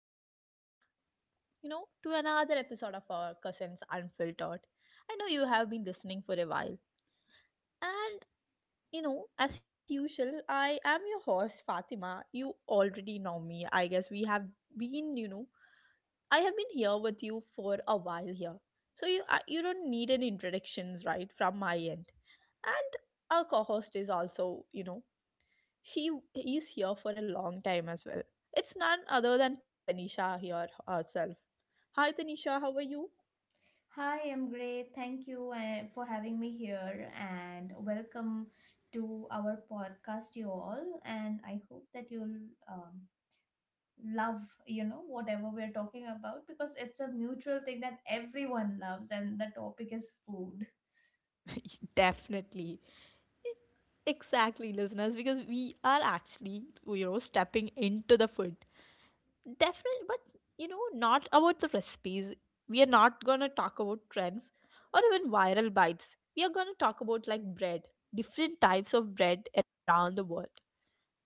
Welcome back, to another episode of our Cousins Unfiltered. I know you have been listening for a while, and as usual, I am your host, Fatima. You already know me, I guess. We have been, you know, I have been here with you for a while here, so you don't need any introductions, right, from my end. And our co-host is also, she is here for a long time as well. It's none other than Tanisha here herself. Hi Tanisha, how are you? Hi, I'm great. Thank you for having me here and welcome to our podcast, you all. And I hope that you'll um, love, whatever we're talking about because it's a mutual thing that everyone loves, and the topic is food. Definitely. Exactly, listeners, because we are actually, stepping into the food. Definitely, but not about the recipes. We are not gonna talk about trends or even viral bites. We are gonna talk about like bread, different types of bread around the world.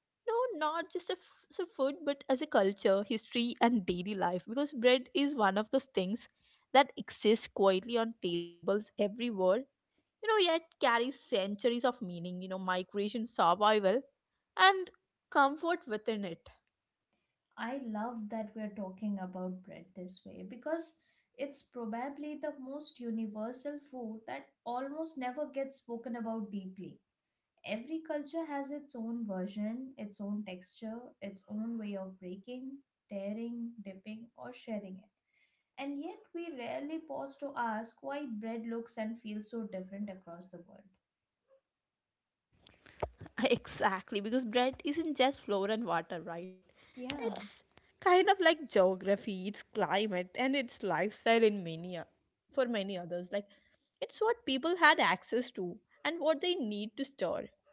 No, not just a as a food, but as a culture, history, and daily life. Because bread is one of those things that exists quietly on tables everywhere. You know, yet carries centuries of meaning. You know, migration, survival, and comfort within it. I love that we're talking about bread this way because it's probably the most universal food that almost never gets spoken about deeply. Every culture has its own version, its own texture, its own way of breaking, tearing, dipping, or sharing it. And yet, we rarely pause to ask why bread looks and feels so different across the world. Exactly, because bread isn't just flour and water, right? Yeah, It's kind of like geography, it's climate, and it's lifestyle in many for many others. Like it's what people had access to and what they need to store,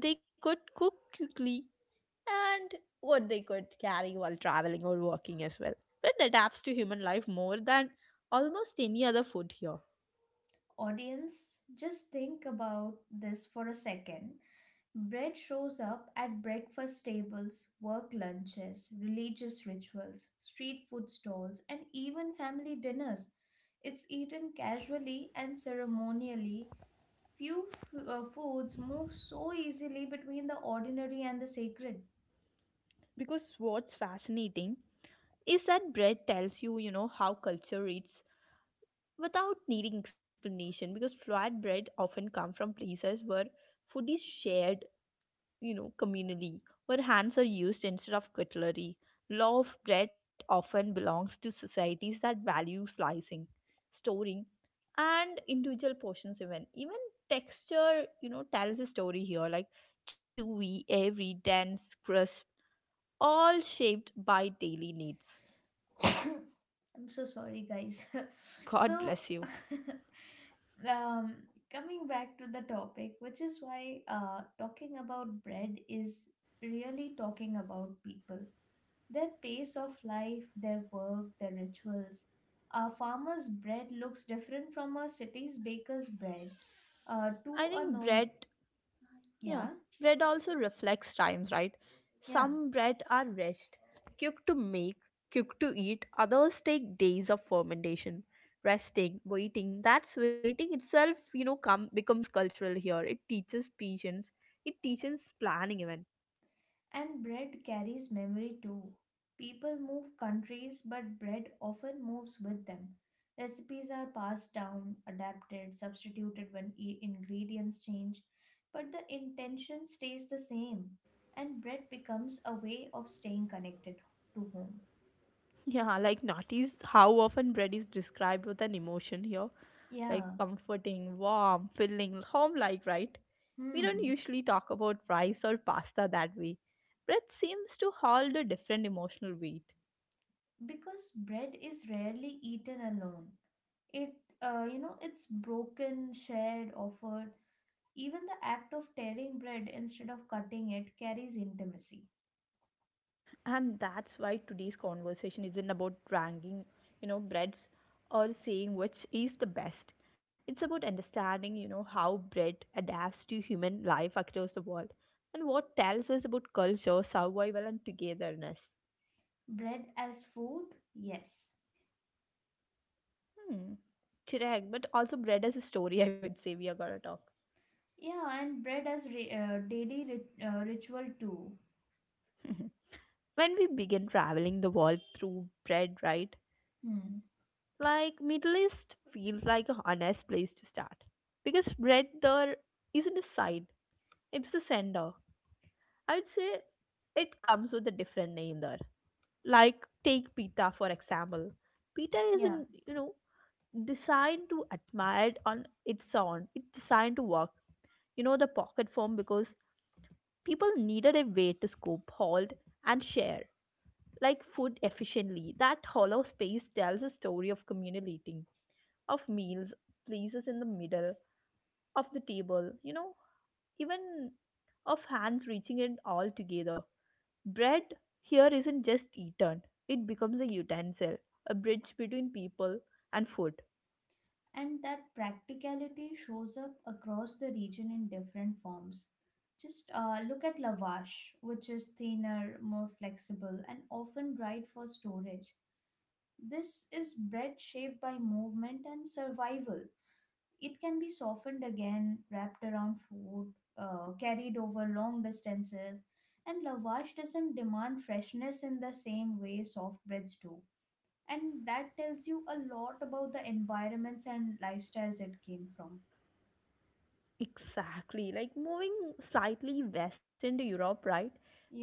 what they could cook quickly, and what they could carry while traveling or working as well. It adapts to human life more than almost any other food here. audience, just think about this for a second. Bread shows up at breakfast tables, work lunches, religious rituals, street food stalls, and even family dinners. It's eaten casually and ceremonially. Few Foods move so easily between the ordinary and the sacred. Because what's fascinating is that bread tells you, how culture eats without needing explanation because flatbread often come from places where food is shared, communally, where hands are used instead of cutlery. Law of bread often belongs to societies that value slicing, storing, and individual portions even. Even texture, tells a story here, like chewy, airy, dense, crisp, all shaped by daily needs. I'm so sorry, guys. God so, bless you. um, coming back to the topic, which is why talking about bread is really talking about people, their pace of life, their work, their rituals. A farmer's bread looks different from a city's baker's bread I to a think norm. bread. Yeah, Yeah, bread also reflects times, right? yeah. Some bread are rest, quick to make, quick to eat, others take days of fermentation, resting, waiting. That's waiting itself, come becomes cultural here. It teaches patience, it teaches planning even. And bread carries memory too. People move countries, but bread often moves with them. Recipes are passed down, adapted, substituted when ingredients change, but the intention stays the same. And bread becomes a way of staying connected to home. Yeah, like notice how often bread is described with an emotion here. Like Yeah, comforting, warm, filling, home like, right? We don't hmm. usually talk about rice or pasta that way. Bread seems to hold a different emotional weight. Because bread is rarely eaten alone. It, it's broken, shared, offered. Even the act of tearing bread instead of cutting it carries intimacy. And that's why today's conversation isn't about ranking, breads or saying which is the best. It's about understanding, how bread adapts to human life across the world and what tells us about culture, survival, and togetherness. Bread as food? Yes. Hmm. Correct, but also bread as a story, I would say we are gonna talk. Yeah, and bread as daily ritual too. Mhm. When we begin traveling the world through bread, right? Hmm. Like Middle East feels like a honest place to start, because bread there isn't a side, it's the center, I would say. It comes with a different name there. Like take pita for example. pita Yeah. isn't you know designed to admired on its own, it's designed to work, the pocket form, because people needed a way to scoop, hold, and share like food efficiently. That hollow space tells a story of communal eating, of meals, places in the middle of the table, even of hands reaching it all together. Bread here isn't just eaten, it becomes a utensil, a bridge between people and food. And that practicality shows up across the region in different forms. Just look at lavash, which is thinner, more flexible, and often dried for storage. This is bread shaped by movement and survival. It can be softened again, wrapped around food, carried over long distances, and lavash doesn't demand freshness in the same way soft breads do, and that tells you a lot about the environments and lifestyles it came from. Exactly. Like moving slightly west into Europe, right?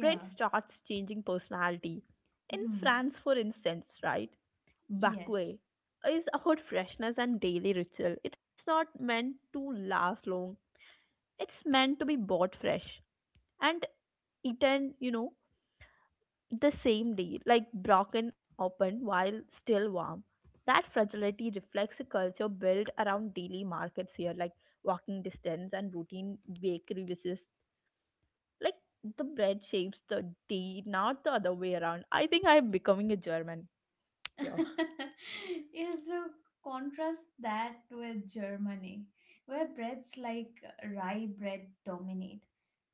Bread starts changing personality. In Hmm. France, for instance, right? Yes. Bakwe is about freshness and daily ritual. It's not meant to last long. It's meant to be bought fresh and eaten, the same day, like broken open while still warm. That fragility reflects a culture built around daily markets here, like walking distance and routine bakery visits. Like the bread shapes the day, not the other way around. I think I'm becoming a German here. Yeah, so contrast that with Germany, where breads like rye bread dominate,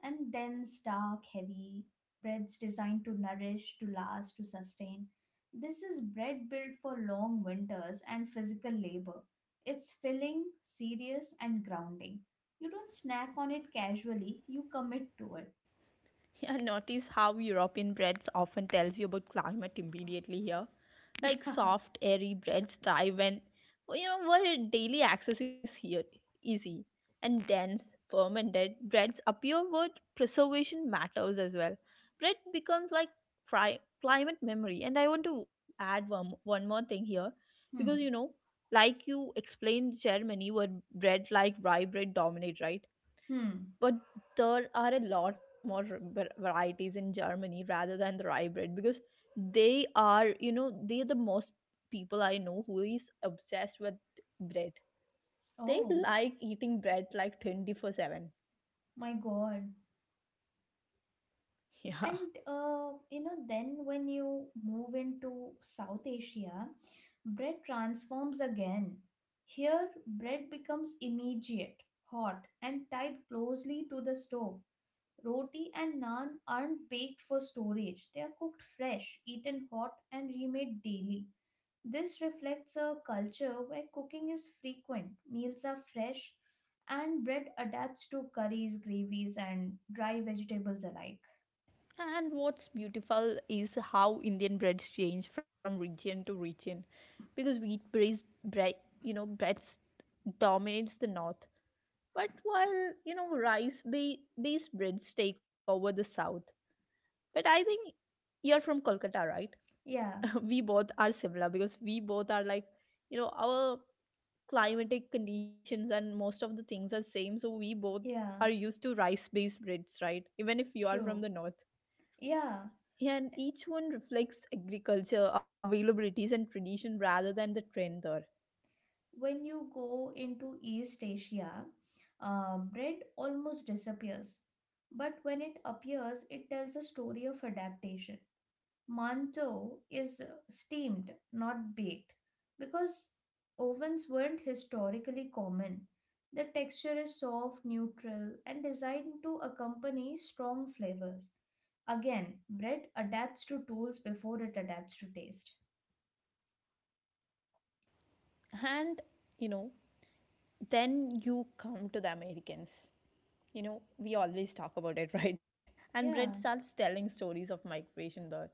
and dense, dark, heavy breads designed to nourish, to last, to sustain. This is bread built for long winters and physical labor. It's filling, serious, and grounding. You don't snack on it casually, you commit to it. Yeah, notice how European breads often tells you about climate immediately here. Like Yeah. soft, airy breads thrive when where daily access is here easy. And dense, fermented breads appear where preservation matters as well. Bread becomes like climate memory. And I want to add one more thing here because Hmm. Like you explained Germany where bread like rye bread dominate, right? Hmm. But there are a lot more varieties in Germany rather than the rye bread, because they are, they are the most people I know who is obsessed with bread. They Oh like eating bread like 24/7. my god. Yeah. And you know, then when you move into South Asia, bread transforms again. Here, bread becomes immediate, hot, and tied closely to the stove. Roti and naan aren't baked for storage, they are cooked fresh, eaten hot, and remade daily. This reflects a culture where cooking is frequent, meals are fresh, and bread adapts to curries, gravies, and dry vegetables alike. And what's beautiful is how Indian breads change from region to region, because wheat bread bread you know breads dominates the north, but while, rice based breads take over the south. But I think you're from Kolkata, right? Yeah, We both are similar because we both are like, our climatic conditions and most of the things are same. So we both yeah. are used to rice-based breads, right? Even if you are True. from the north. Yeah. Yeah, and each one reflects agriculture, availabilities, and tradition rather than the trend there. When you go into East Asia, bread almost disappears. But when it appears, it tells a story of adaptation. Manto is steamed, not baked, because ovens weren't historically common. The texture is soft, neutral, and designed to accompany strong flavors. Again, bread adapts to tools before it adapts to taste. And, you know, then you come to the Americans. You know, we always talk about it, right? And Brett Yeah. starts telling stories of migration there.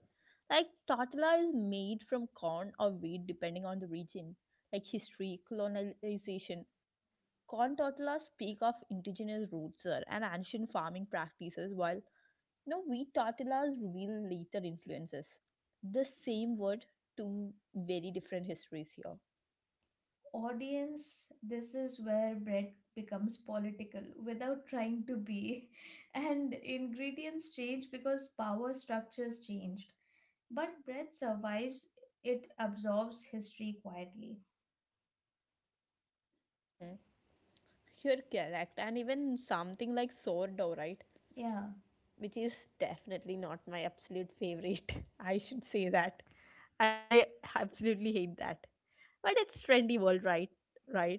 Like, tortilla is made from corn or wheat depending on the region, like history, colonization. Corn tortillas speak of indigenous roots there and ancient farming practices, while, wheat tortillas reveal later influences. The same word, two very different histories here. Audience, this is where bread becomes political without trying to be. And ingredients change because power structures changed. But bread survives, it absorbs history quietly. Mm. You're correct. And even something like sourdough, right? Yeah. Which is definitely not my absolute favorite. I should say that. I absolutely hate that. But it's trendy world right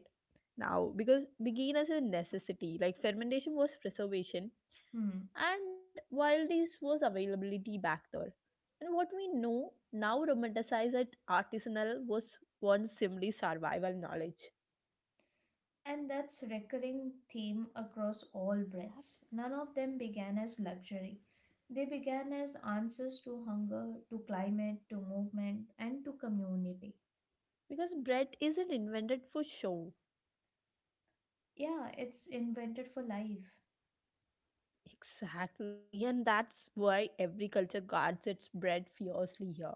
now because began as a necessity. Like fermentation was preservation Hmm. and while this was availability back there. And what we know now romanticize that artisanal was once simply survival knowledge. And that's recurring theme across all breads. None of them began as luxury. They began as answers to hunger, to climate, to movement, and to community. Because bread isn't invented for show. Yeah, it's invented for life. Exactly, and that's why every culture guards its bread fiercely here.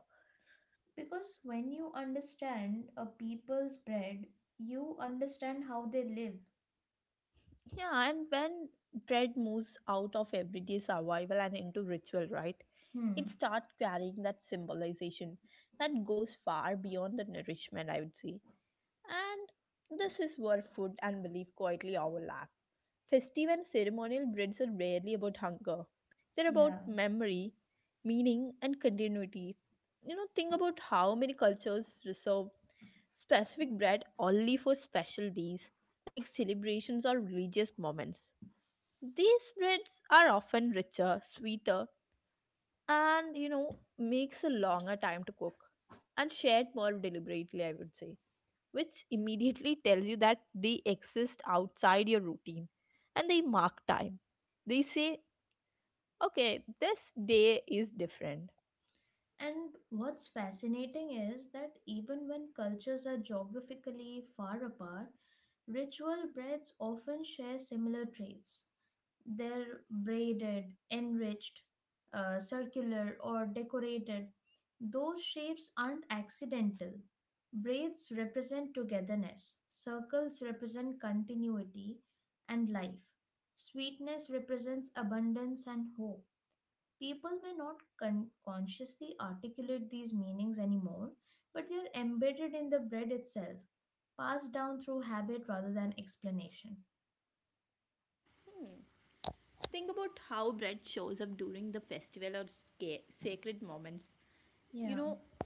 Because when you understand a people's bread, you understand how they live. Yeah, and when bread moves out of everyday survival and into ritual, right? It Hmm, starts carrying that symbolization that goes far beyond the nourishment, I would say. And this is where food and belief quietly overlap. Festive and ceremonial breads are rarely about hunger. They're about yeah. memory, meaning, and continuity. You know, think about how many cultures reserve specific bread only for special days, like celebrations or religious moments. These breads are often richer, sweeter, and, makes a longer time to cook and shared more deliberately, I would say, which immediately tells you that they exist outside your routine and they mark time. They say, okay, this day is different. And what's fascinating is that even when cultures are geographically far apart, ritual breads often share similar traits. They're braided, enriched, circular, or decorated. Those shapes aren't accidental. Braids represent togetherness, circles represent continuity and life, sweetness represents abundance and hope. People may not consciously articulate these meanings anymore, but they are embedded in the bread itself, passed down through habit rather than explanation. Think about how bread shows up during the festival or sacred moments, Yeah. you know,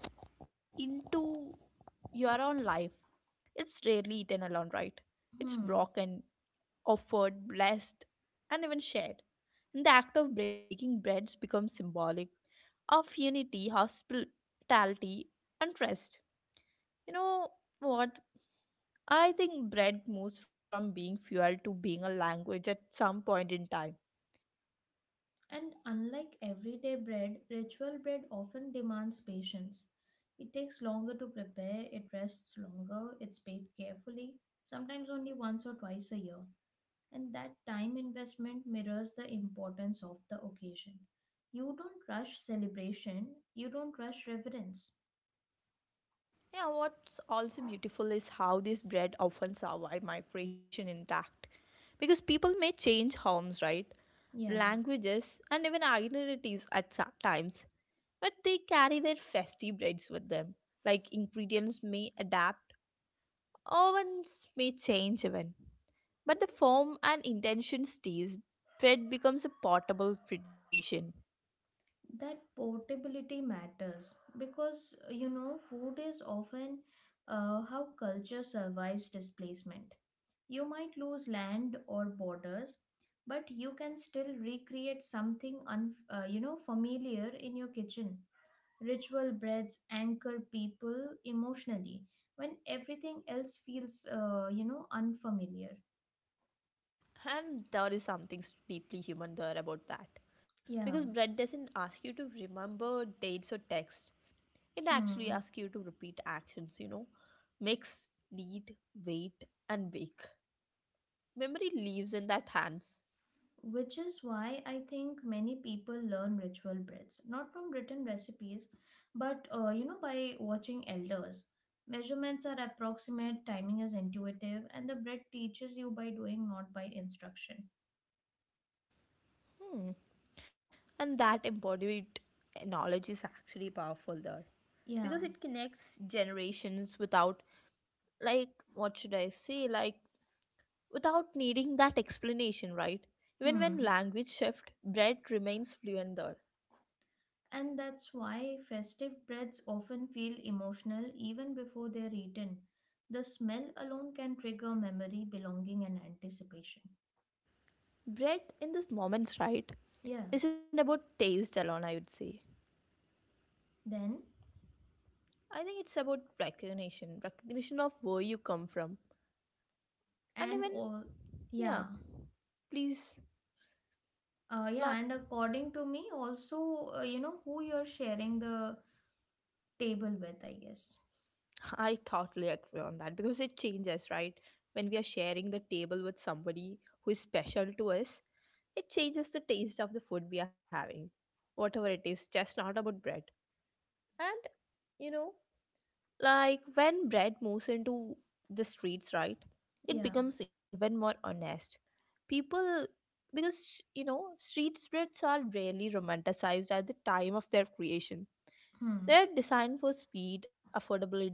into your own life. It's rarely eaten alone, right? It's Hmm. broken, offered, blessed, and even shared. And the act of breaking breads becomes symbolic of unity, hospitality, and trust. You know what? I think bread moves from being fuel to being a language at some point in time. And unlike everyday bread, ritual bread often demands patience. It takes longer to prepare, it rests longer, it's baked carefully, sometimes only once or twice a year. And that time investment mirrors the importance of the occasion. You don't rush celebration, you don't rush reverence. Yeah, what's also beautiful is how this bread often survive migration intact. Because people may change homes, right? Yeah, Languages and even identities at times, but they carry their festive breads with them. Like ingredients may adapt, ovens may change even, but the form and intention stays. Bread becomes a portable tradition, that portability matters because, you know, food is often how culture survives displacement. You might lose land or borders, but you can still recreate something you know, familiar in your kitchen. Ritual breads anchor people emotionally when everything else feels you know, unfamiliar. and there is something deeply human there about that. Because Yeah. bread doesn't ask you to remember dates or text. It actually Hmm. asks you to repeat actions, Mix, knead, wait, and bake. Memory lives in that hands. Which is why I think many people learn ritual breaths, not from written recipes, but you know, by watching elders. Measurements are approximate, timing is intuitive, and the breath teaches you by doing, not by instruction. Hmm. And that embodied knowledge is actually powerful there, Yeah. because it connects generations without, like, what should I say, without needing that explanation, right? Even when Hmm. language shift bread remains fluent there. And that's why festive breads often feel emotional even before they're eaten. The smell alone can trigger memory, belonging, and anticipation. Bread in this moments, right, Yeah. isn't about taste alone, I would say. Then, I think it's about recognition, recognition of where you come from and and even, all, yeah. yeah, please. Yeah, and la- according to me, also, you know, who you're sharing the table with, I guess. I totally agree on that because it changes, right? When we are sharing the table with somebody who is special to us, it changes the taste of the food we are having, whatever it is, just not about bread. And, you know, like when bread moves into the streets, right? It Yeah. becomes even more honest. People, because, street spreads are rarely romanticized at the time of their creation. Hmm. They are designed for speed, affordability,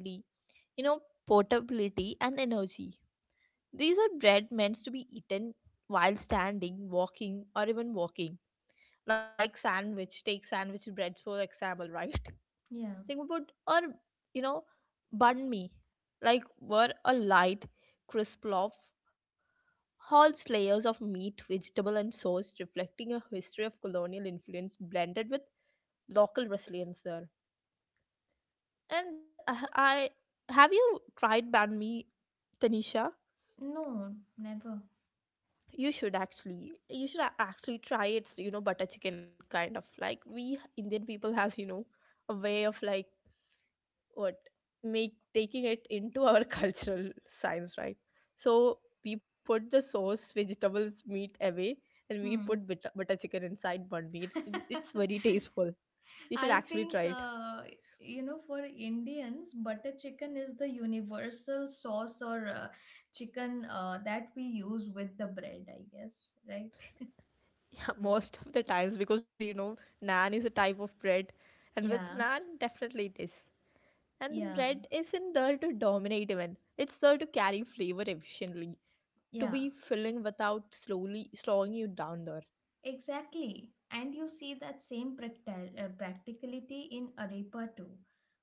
you know, portability and energy. These are bread meant to be eaten while standing, walking, or even walking. Like sandwich, take sandwich breads for example, right? Yeah. Think about, or you know, bun me. Like were a light, crisp loaf, holds layers of meat, vegetable, and sauce, reflecting a history of colonial influence blended with local resilience there. And I have you tried banh mi, Tanisha? No, never. You should actually try it's butter chicken, kind of, like, we Indian people has, a way of, like, what make taking it into our cultural science, right? So we put the sauce, vegetables, meat away, and we Hmm. put butter chicken inside bun meat. It's very tasteful. You I should actually think, try it. You know, for Indians, butter chicken is the universal sauce or chicken that we use with the bread, I guess, right? Yeah, most of the times, because naan is a type of bread, and with Yeah. naan definitely it is. And the Yeah. bread isn't there to dominate even. It's there to carry flavor efficiently, to Yeah. be filling without slowly slowing you down there. Exactly. And you see that same practicality in arepa too,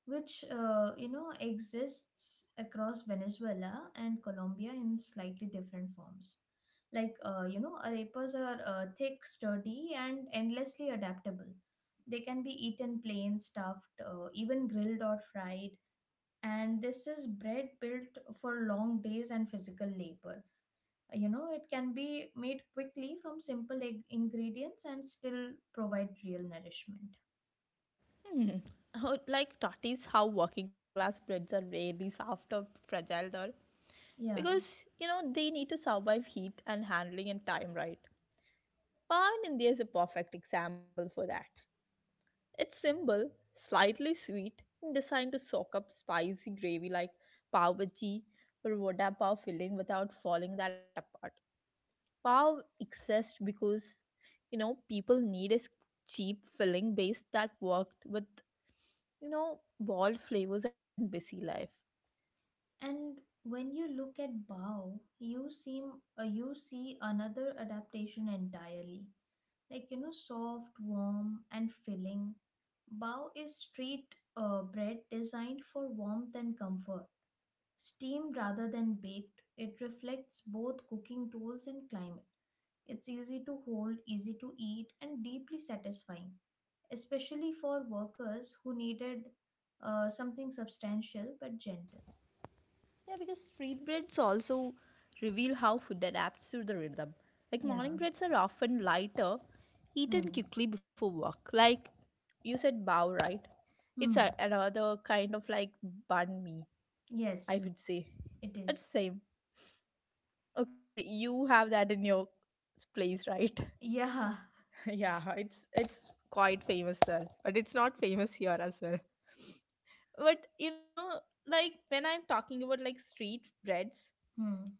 which, you know, exists across Venezuela and Colombia in slightly different forms. Like, you know, arepas are thick, sturdy, and endlessly adaptable. They can be eaten plain, stuffed, even grilled or fried. And this is bread built for long days and physical labor. You know, it can be made quickly from simple ingredients and still provide real nourishment. Hmm. How, like that is how working class breads are rarely soft or fragile there. Yeah, Because, they need to survive heat and handling and time, right. Pan India is a perfect example for that. It's simple, slightly sweet, and designed to soak up spicy gravy like pav bhaji or vada pav filling without falling that apart. Pav exists because people need a cheap filling base that worked with bold flavors and busy life. and when you look at bao you seem, you see another adaptation entirely. Like, you know, soft, warm, and filling, bao is street bread designed for warmth and comfort, steamed rather than baked. It reflects both cooking tools and climate. It's easy to hold, easy to eat, and deeply satisfying, especially for workers who needed something substantial but gentle. Yeah, because street breads also reveal how food adapts to the rhythm. Like Yeah. morning breads are often lighter, eaten Hmm. quickly before work. Like you said, bow, right? Hmm. Another kind of like banh mi, I Yes, would say. it is. It's same. Okay, you have that in your place, right? Yeah. Yeah, it's quite famous there, but it's not famous here as well. But you know, like when I'm talking about like street breads, Hmm.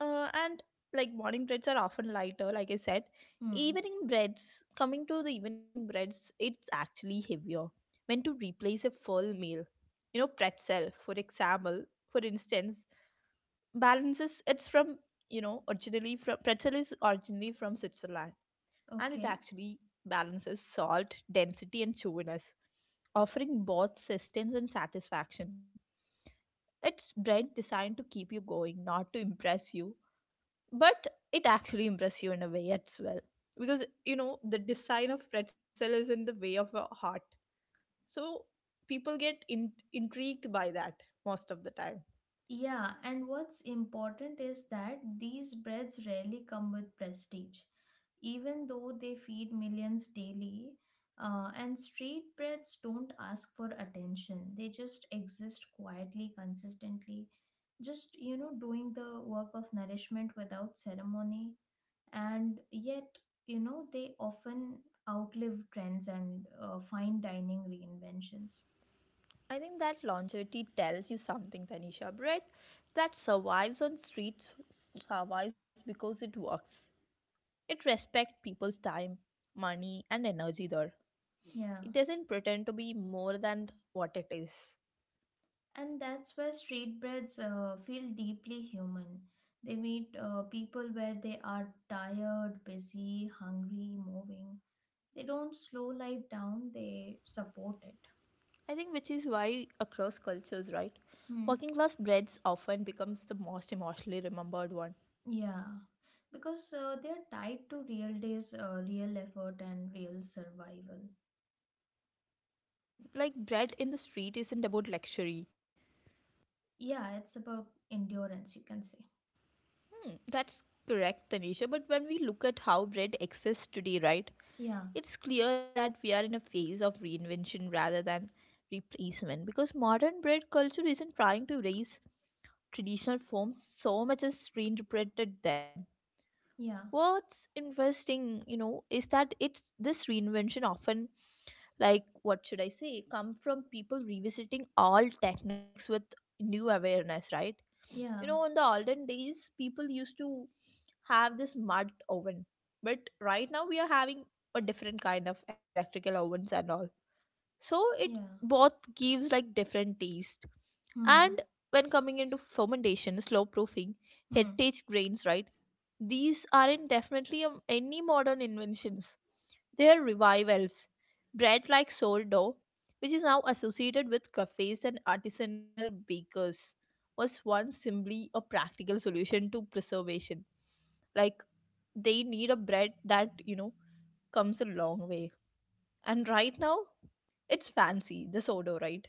and like morning breads are often lighter like I said, Hmm. evening breads, coming to the evening breads, it's actually heavier, when to replace a full meal. You know, pretzel, for instance, balances. It's from, originally from, pretzel is originally from Switzerland. And it Okay. actually balances salt, density, and chewiness, offering both sustenance and satisfaction. It's bread designed to keep you going, not to impress you. But it actually impress you in a way as well, because the design of pretzel is in the way of a heart, so people get intrigued by that most of the time. Yeah, and what's important is that these breads rarely come with prestige, even though they feed millions daily. And street breads don't ask for attention, they just exist quietly, consistently, just, you know, doing the work of nourishment without ceremony, and yet, you know, they often outlive trends and fine dining reinventions. I think that longevity tells you something, Tanisha. Bread that survives on streets survives because it works. It respects people's time, money, and energy there. Yeah, It doesn't pretend to be more than what it is. and that's where street breads feel deeply human. They meet people where they are, tired, busy, hungry, moving. They don't slow life down, they support it. I think which is why across cultures, right? Hmm. Working class breads often becomes the most emotionally remembered one. Yeah, because they're tied to real days, real effort, and real survival. Like bread in the street isn't about luxury. Yeah, it's about endurance, you can say. Hmm, that's correct, Tanisha. But when we look at how bread exists today, right? Yeah, It's clear that we are in a phase of reinvention rather than replacement, because modern bread culture isn't trying to raise traditional forms so much as reinterpreted them. yeah, What's interesting, you know, is that it's this reinvention often, like, what should I say, come from people revisiting all techniques with new awareness, right? Yeah, In the olden days, people used to have this mud oven, but right now we are having a different kind of electrical ovens and all, so it yeah. both gives like different taste. Hmm, And when coming into fermentation, slow proofing, hmm. heritage grains, right, these aren't definitely any modern inventions, their revivals. Bread like sourdough, which is now associated with cafes and artisanal bakers, was once simply a practical solution to preservation. Like they need a bread that, comes a long way. And right now, it's fancy, the sourdough, right?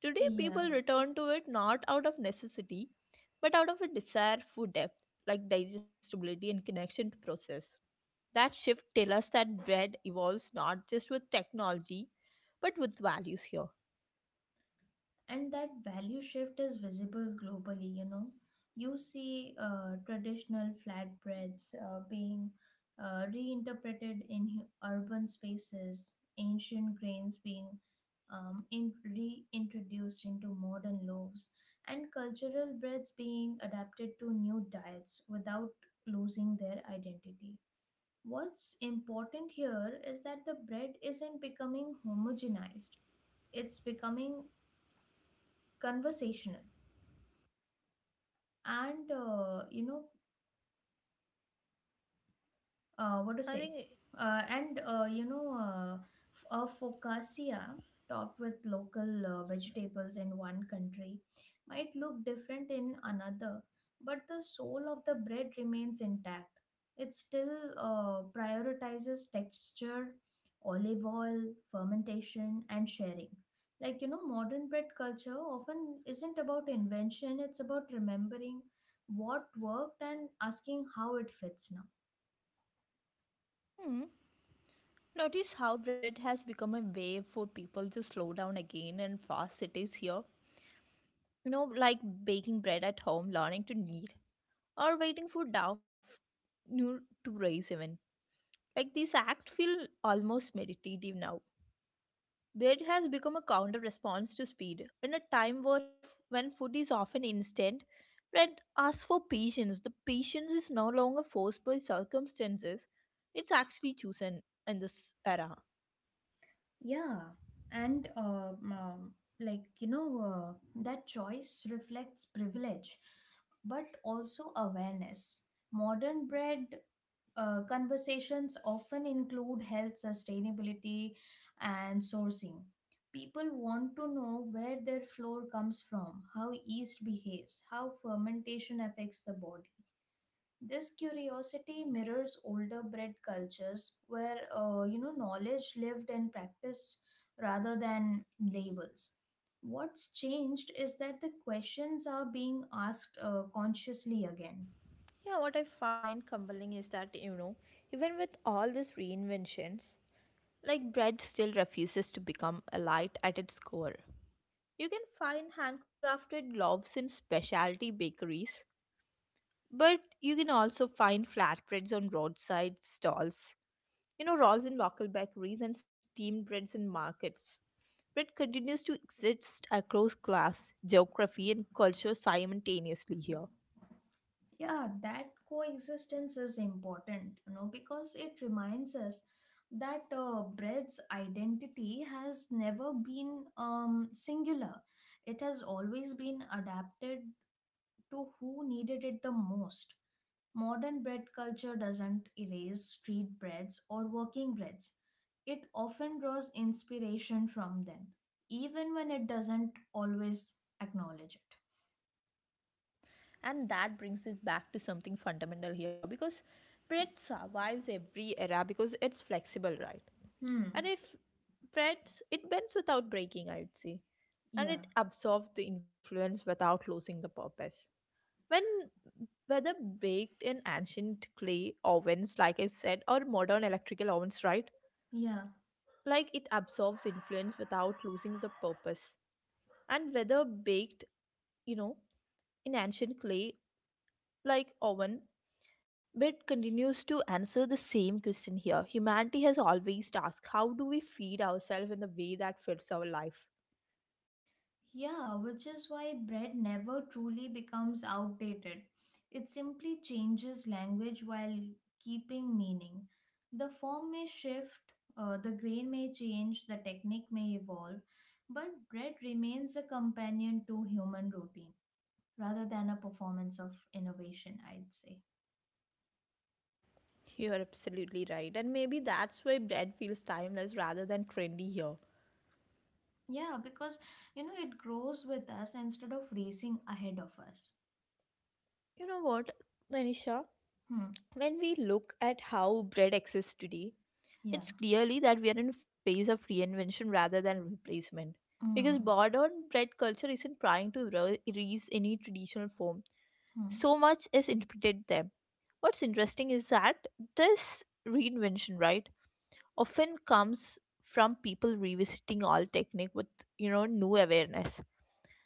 Today, Yeah. people return to it not out of necessity, but out of a desire for depth, like digestibility and connection to process. That shift tells us that bread evolves not just with technology, but with values here. And that value shift is visible globally, you know. You see traditional flatbreads being reinterpreted in urban spaces, ancient grains being reintroduced into modern loaves, and cultural breads being adapted to new diets without losing their identity. What's important here is that the bread isn't becoming homogenized, it's becoming conversational. And you know what to I say think. And you know f- a focaccia topped with local vegetables in one country might look different in another, but the soul of the bread remains intact. It still prioritizes texture, olive oil, fermentation, and sharing. Like, you know, modern bread culture often isn't about invention, it's about remembering what worked and asking how it fits now. hmm, Notice how bread has become a way for people to slow down again in fast cities here. You know, like baking bread at home, learning to knead, or waiting for dough you know, to rise even. Like these acts feel almost meditative now. Bread has become a counter response to speed. In a time where when food is often instant, bread asks for patience. The patience is no longer forced by circumstances; it's actually chosen in this era. Yeah, and like, you know, that choice reflects privilege, but also awareness. Modern bread conversations often include health, sustainability, and sourcing. People want to know where their flour comes from, how yeast behaves, how fermentation affects the body. This curiosity mirrors older breed cultures where, you know, knowledge lived and practiced rather than labels. What's changed is that the questions are being asked consciously again. Yeah, what I find compelling is that, even with all these reinventions, like bread still refuses to become a light at its core. You can find handcrafted loaves in specialty bakeries. But you can also find flat breads on roadside stalls. You know, rolls in local bakeries and steamed breads in markets. Bread continues to exist across class, geography, and culture simultaneously here. Yeah, that coexistence is important, you know, because it reminds us that bread's identity has never been singular. It has always been adapted to who needed it the most. Modern bread culture doesn't erase street breads or working breads. It often draws inspiration from them, even when it doesn't always acknowledge it. And that brings us back to something fundamental here, because bread survives every era because it's flexible, right? And Hmm, it f- breads it bends without breaking, I would say. yeah, And it absorbs the influence without losing the purpose. When Whether baked in ancient clay ovens, like I said, or modern electrical ovens, right? yeah. Like it absorbs influence without losing the purpose. And whether baked, you know, in ancient clay, like oven, but continues to answer the same question here. Humanity has always asked, how do we feed ourselves in the way that fits our life? Yeah, which is why bread never truly becomes outdated. It simply changes language while keeping meaning. The form may shift, the grain may change, the technique may evolve, but bread remains a companion to human routine rather than a performance of innovation, I'd say. You're absolutely right. And maybe that's why bread feels timeless rather than trendy here. Yeah, because, you know, it grows with us instead of racing ahead of us. You know what, Manisha? Hmm. When we look at how bread exists today, Yeah. it's clearly that we are in a phase of reinvention rather than replacement. Because Hmm. modern bread culture isn't trying to erase any traditional form, Hmm. so much is interpreted them. What's interesting is that this reinvention, right, often comes from people revisiting old technique with new awareness.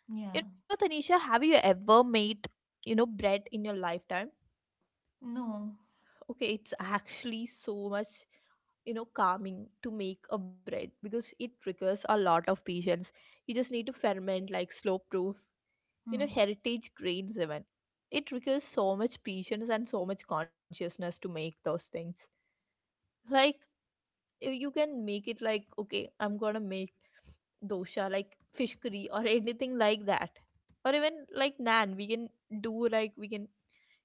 Yeah. You know, Tanisha, have you ever made bread in your lifetime? No. Okay, it's actually so much, calming to make a bread, because it requires a lot of patience. You just need to ferment, like slow proof, Hmm. heritage grains even. It requires so much patience and so much consciousness to make those things, like you can make it like, okay, I'm gonna make dosha like fish curry or anything like that, or even like naan we can do like we can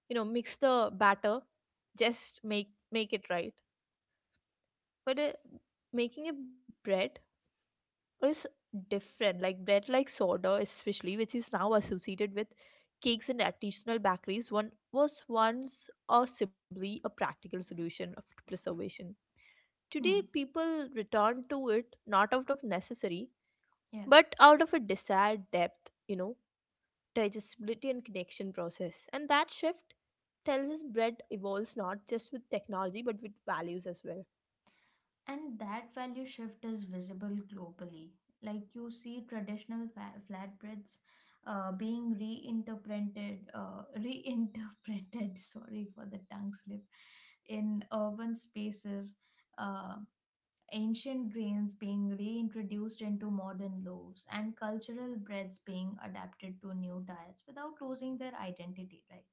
mix the batter, just make it right. But making a bread is different. Like bread like soda, especially, which is now associated with cakes and artisanal bakeries, one was once or simply a practical solution of preservation. Today, Hmm. people return to it not out of necessary, Yeah, but out of a desired depth, digestibility and connection process. And that shift tells us bread evolves not just with technology, but with values as well. and that value shift is visible globally. Like you see traditional flatbreads being reinterpreted, reinterpreted. Sorry for the tongue slip. In urban spaces, Uh, ancient grains being reintroduced into modern loaves, and cultural breads being adapted to new diets without losing their identity, right?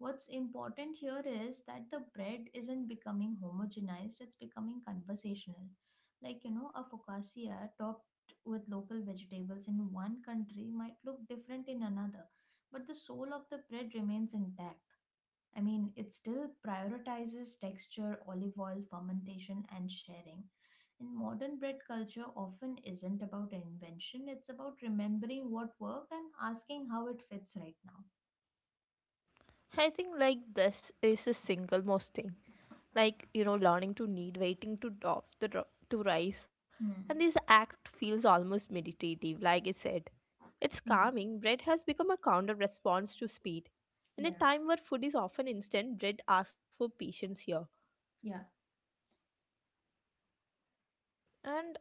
What's important here is that the bread isn't becoming homogenized, it's becoming conversational. Like, you know, a focaccia topped with local vegetables in one country might look different in another, but the soul of the bread remains intact. I mean, it still prioritizes texture, olive oil, fermentation, and sharing and modern bread culture often isn't about invention, it's about remembering what worked and asking how it fits right now. I think like this is the single most thing, like learning to need, waiting to to rise, and Hmm. this act feels almost meditative like I said, it's Hmm. calming. Bread has become a counter response to speed. In a Yeah. time where food is often instant, bread asks for patience here. Yeah. And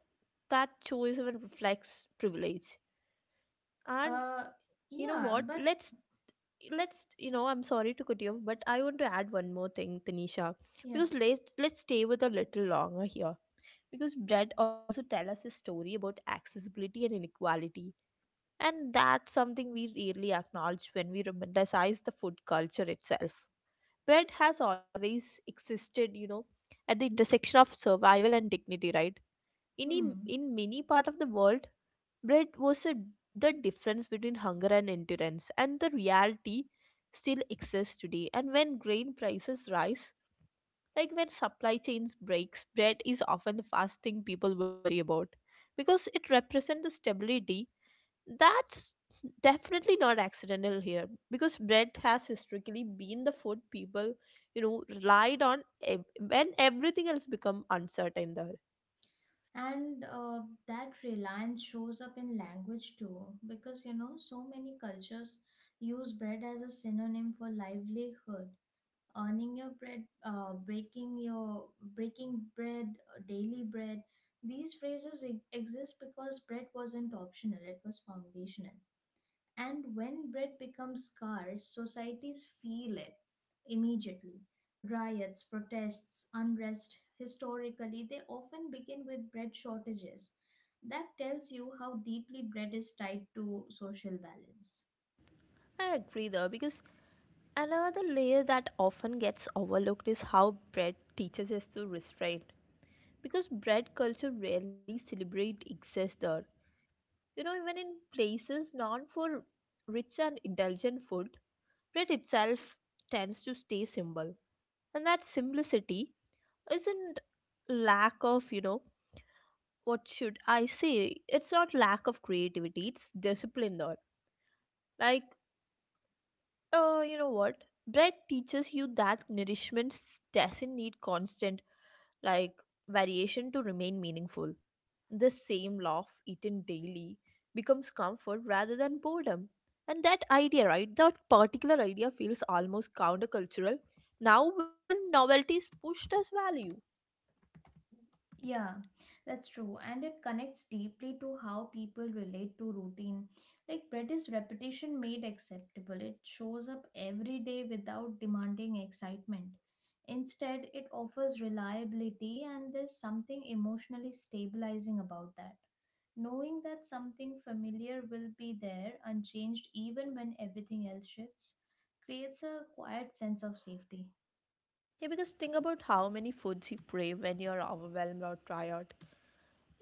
that choice even reflects privilege, and Uh. you know Yeah. what, But let's you know I'm sorry to cut you off, but I want to add one more thing, Tanisha. yeah. Because let's stay with a little longer here, because bread also tell us a story about accessibility and inequality, and that's something we rarely acknowledge when we romanticize the food culture itself. Bread has always existed, at the intersection of survival and dignity, right? in im- Hmm. in many part of the world, bread was the difference between hunger and endurance, and the reality still exists today. And when grain prices rise, like when supply chains breaks, bread is often the first thing people worry about, because it represents the stability. That's definitely not accidental here, because bread has historically been the food people, relied on when everything else become uncertain there. And that reliance shows up in language too, because you know so many cultures use bread as a synonym for livelihood. Earning your bread, breaking bread, daily bread. These phrases exist because bread wasn't optional; it was foundational. And when bread becomes scarce, societies feel it immediately. Riots, protests, unrest, historically, they often begin with bread shortages. That tells you how deeply bread is tied to social balance. I agree though, because another layer that often gets overlooked is how bread teaches us to restrain, because bread culture rarely celebrate excess there. You know, even in places known for rich and indulgent food, bread itself tends to stay simple. And that simplicity isn't lack of, you know, what should I say? It's not lack of creativity, it's discipline. Or like, you know what? Bread teaches you that nourishment doesn't need constant like variation to remain meaningful. The same loaf eaten daily becomes comfort rather than boredom. And that idea, right? That particular idea feels almost countercultural now when novelty is pushed as value. Yeah, that's true. And it connects deeply to how people relate to routine. Like bread is repetition made acceptable. It shows up every day without demanding excitement. Instead, it offers reliability, and there's something emotionally stabilizing about that. Knowing that something familiar will be there, unchanged even when everything else shifts, creates a quiet sense of safety. Yeah, because think about how many foods you crave when you're overwhelmed or tired.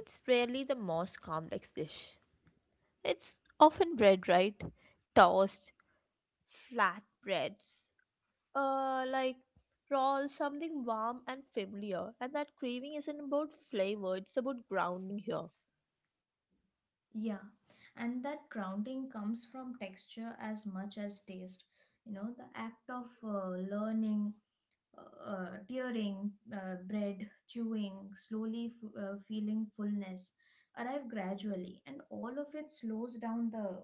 It's rarely the most complex dish. It's often bread, right? Toast, flatbreads, like roll, something warm and familiar, and that craving isn't about flavor, it's about grounding here. Yeah, and that grounding comes from texture as much as taste. You know, the act of learning, tearing bread, chewing, slowly feeling fullness, arrive gradually, and all of it slows down the,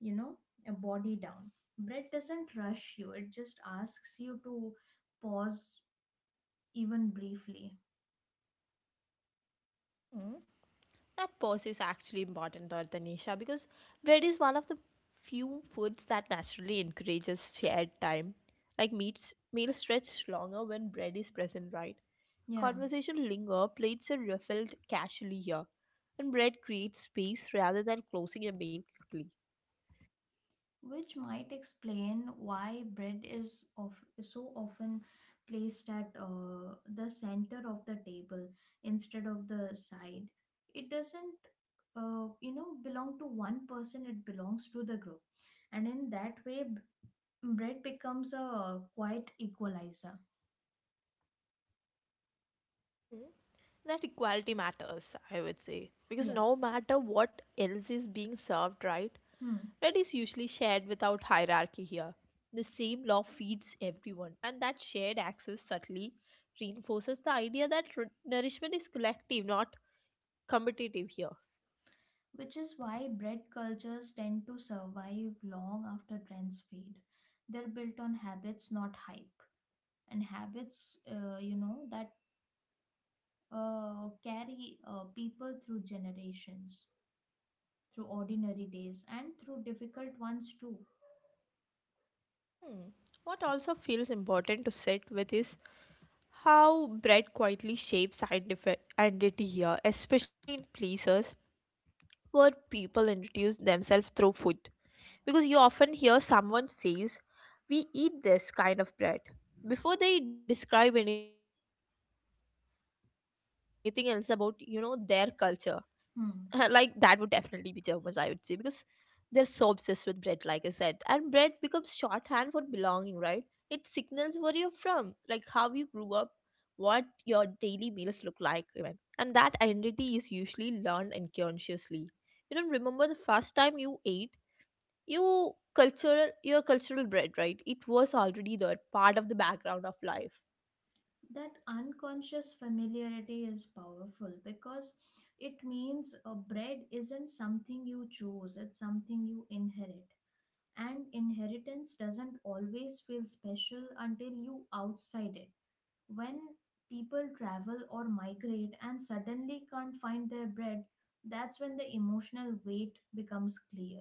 you know, body down. Bread doesn't rush you, it just asks you to pause even briefly. Hmm, that pause is actually important though, Tanisha, because bread is one of the few foods that naturally encourages shared time. Like meats meals stretch longer when bread is present, right? Yeah. Conversation linger, plates are refilled casually here, and bread creates space rather than closing a meal quickly. Which might explain why bread is of so often placed at the center of the table instead of the side. It doesn't, you know, belong to one person, it belongs to the group. And in that way bread becomes a quiet equalizer. That equality matters, I would say. Because Yeah. no matter what else is being served, right, Hmm. bread is usually shared without hierarchy here. The same law feeds everyone, and that shared access subtly reinforces the idea that nourishment is collective, not competitive here. Which is why bread cultures tend to survive long after trends fade. They're built on habits not hype, and habits, you know, that carry people through generations, through ordinary days, and through difficult ones too. Hmm. What also feels important to sit with is how bread quietly shapes identity here, especially in places where people introduce themselves through food. Because you often hear someone says we eat this kind of bread before they describe anything else about their culture. Like that would definitely be Germans, I would Hmm. say, because they're so obsessed with bread like I said, and bread becomes shorthand for belonging, right? It signals where you're from, like how you grew up, what your daily meals look like even. And that identity is usually learned unconsciously. You don't remember the first time you ate your cultural bread, right? It was already there, part of the background of life. That unconscious familiarity is powerful because it means a bread isn't something you choose, it's something you inherit. And inheritance doesn't always feel special until you outside it. When people travel or migrate and suddenly can't find their bread, that's when the emotional weight becomes clear.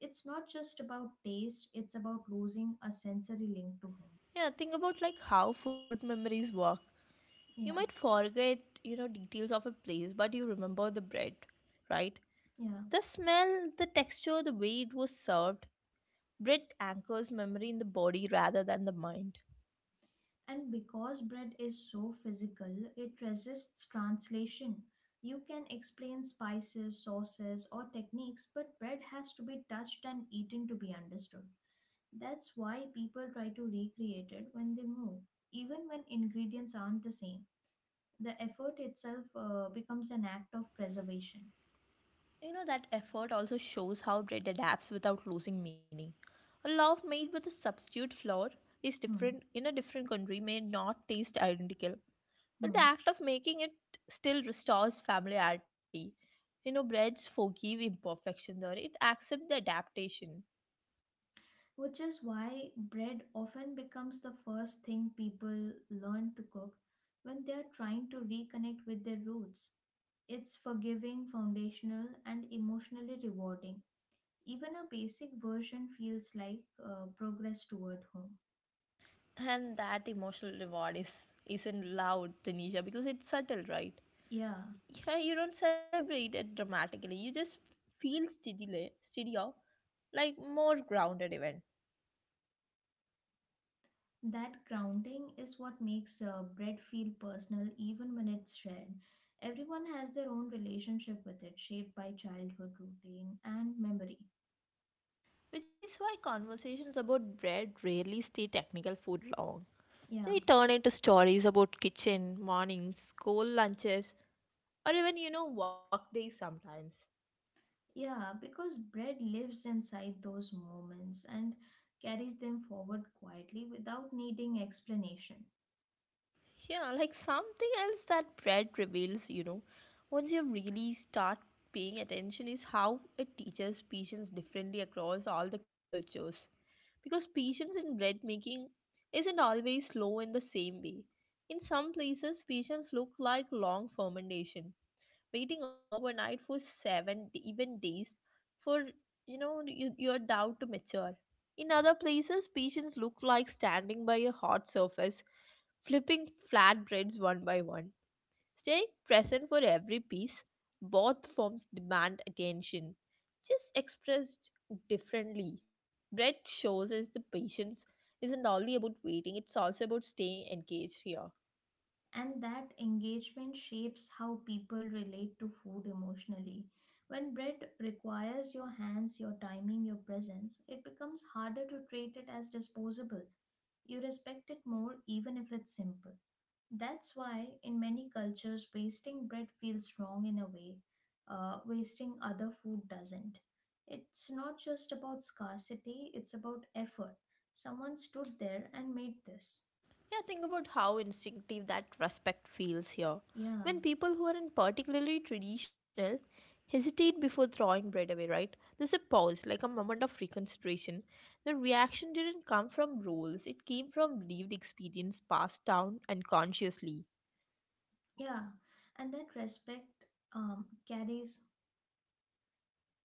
It's not just about taste, it's about losing a sensory link to home. Yeah, think about like how food memories work. You might Yeah, forget, you know, details of a place but you remember the bread, right? yeah. The smell, the texture, the way it was served. Bread anchors memory in the body rather than the mind. And because bread is so physical, it resists translation. You can explain spices, sauces, or techniques, but bread has to be touched and eaten to be understood. That's why people try to recreate it when they move, even when ingredients aren't the same. The effort itself becomes an act of preservation. You know, that effort also shows how bread adapts without losing meaning. A loaf made with a substitute flour is Hmm. different in a different country, may not taste identical. But the Hmm. act of making it still restores familiarity. You know, breads forgive imperfections, or it accepts the adaptation. Which is why bread often becomes the first thing people learn to cook when they are trying to reconnect with their roots. It's forgiving, foundational, and emotionally rewarding. Even a basic version feels like progress toward home. And that emotional reward is isn't loud, Tanisha, because it's subtle, right? Yeah, Yeah, you don't celebrate it dramatically. You just feel steadier, steadier, like more grounded even. that grounding is what makes bread feel personal even when it's shared. Everyone has their own relationship with it, shaped by childhood routine and memory. Which is why conversations about bread rarely stay technical food long. Yeah, They turn into stories about kitchen, mornings, school lunches, or even, you know, work days sometimes. yeah, because bread lives inside those moments and carries them forward quietly without needing explanation. Yeah, like something else that bread reveals, you know, once you really start paying attention is how it teaches patience differently across all the cultures. Because patience in bread making isn't always slow in the same way. In some places, patience look like long fermentation, waiting overnight for even days for, you know, your doubt to mature. In other places, patients look like standing by a hot surface, flipping flatbreads one by one, staying present for every piece. Both forms demand attention, just expressed differently. Bread shows us the patience isn't only about waiting, it's also about staying engaged here. And that engagement shapes how people relate to food emotionally. When bread requires your hands, your timing, your presence, it becomes harder to treat it as disposable. You respect it more even if it's simple. That's why, in many cultures, wasting bread feels wrong in a way, wasting other food doesn't. It's not just about scarcity, it's about effort. Someone stood there and made this. Yeah, think about how instinctive that respect feels here. Yeah, When people who aren't particularly traditional hesitate before throwing bread away, right? There's a pause, like a moment of reconsideration. The reaction didn't come from rules, it came from lived experience passed down unconsciously. yeah. And that respect carries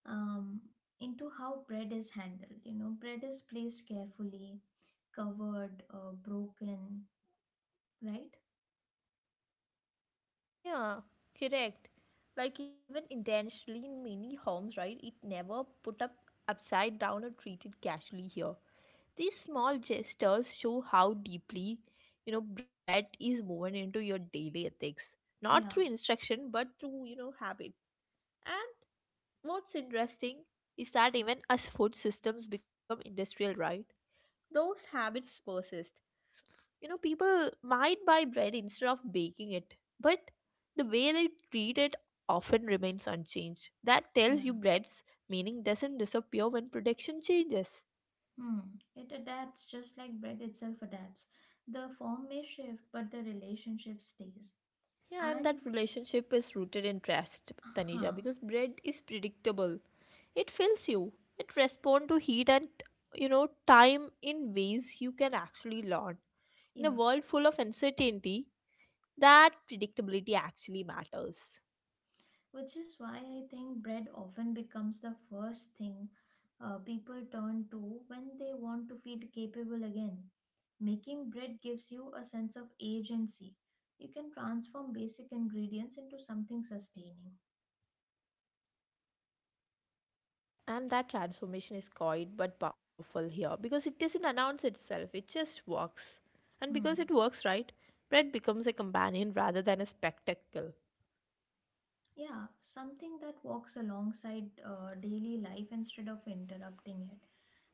um, into how bread is handled. You know, bread is placed carefully, covered, broken, right? Yeah, correct. Like even intentionally in many homes, right? It never put up upside down or treated casually here. These small gestures show how deeply, you know, bread is woven into your daily ethics, not through Yeah, instruction but through, you know, habit. And what's interesting is that even as food systems become industrial, right? Those habits persist. You know, people might buy bread instead of baking it, but the way they treat it often remains unchanged. That tells you yeah. bread's meaning doesn't disappear when production changes. Hmm. It adapts just like bread itself adapts. The form may shift, but the relationship stays. Yeah, and And, that relationship is rooted in trust, Tanisha, huh, because bread is predictable. It fills you. It responds to heat and, you know, time in ways you can actually learn. In a yeah, world full of uncertainty, that predictability actually matters. which is why I think bread often becomes the first thing people turn to when they want to feel capable again. Making bread gives you a sense of agency. You can transform basic ingredients into something sustaining. And that transformation is quiet but powerful here because it doesn't announce itself, it just works. And because Hmm. it works, right, bread becomes a companion rather than a spectacle. Yeah, something that walks alongside daily life instead of interrupting it.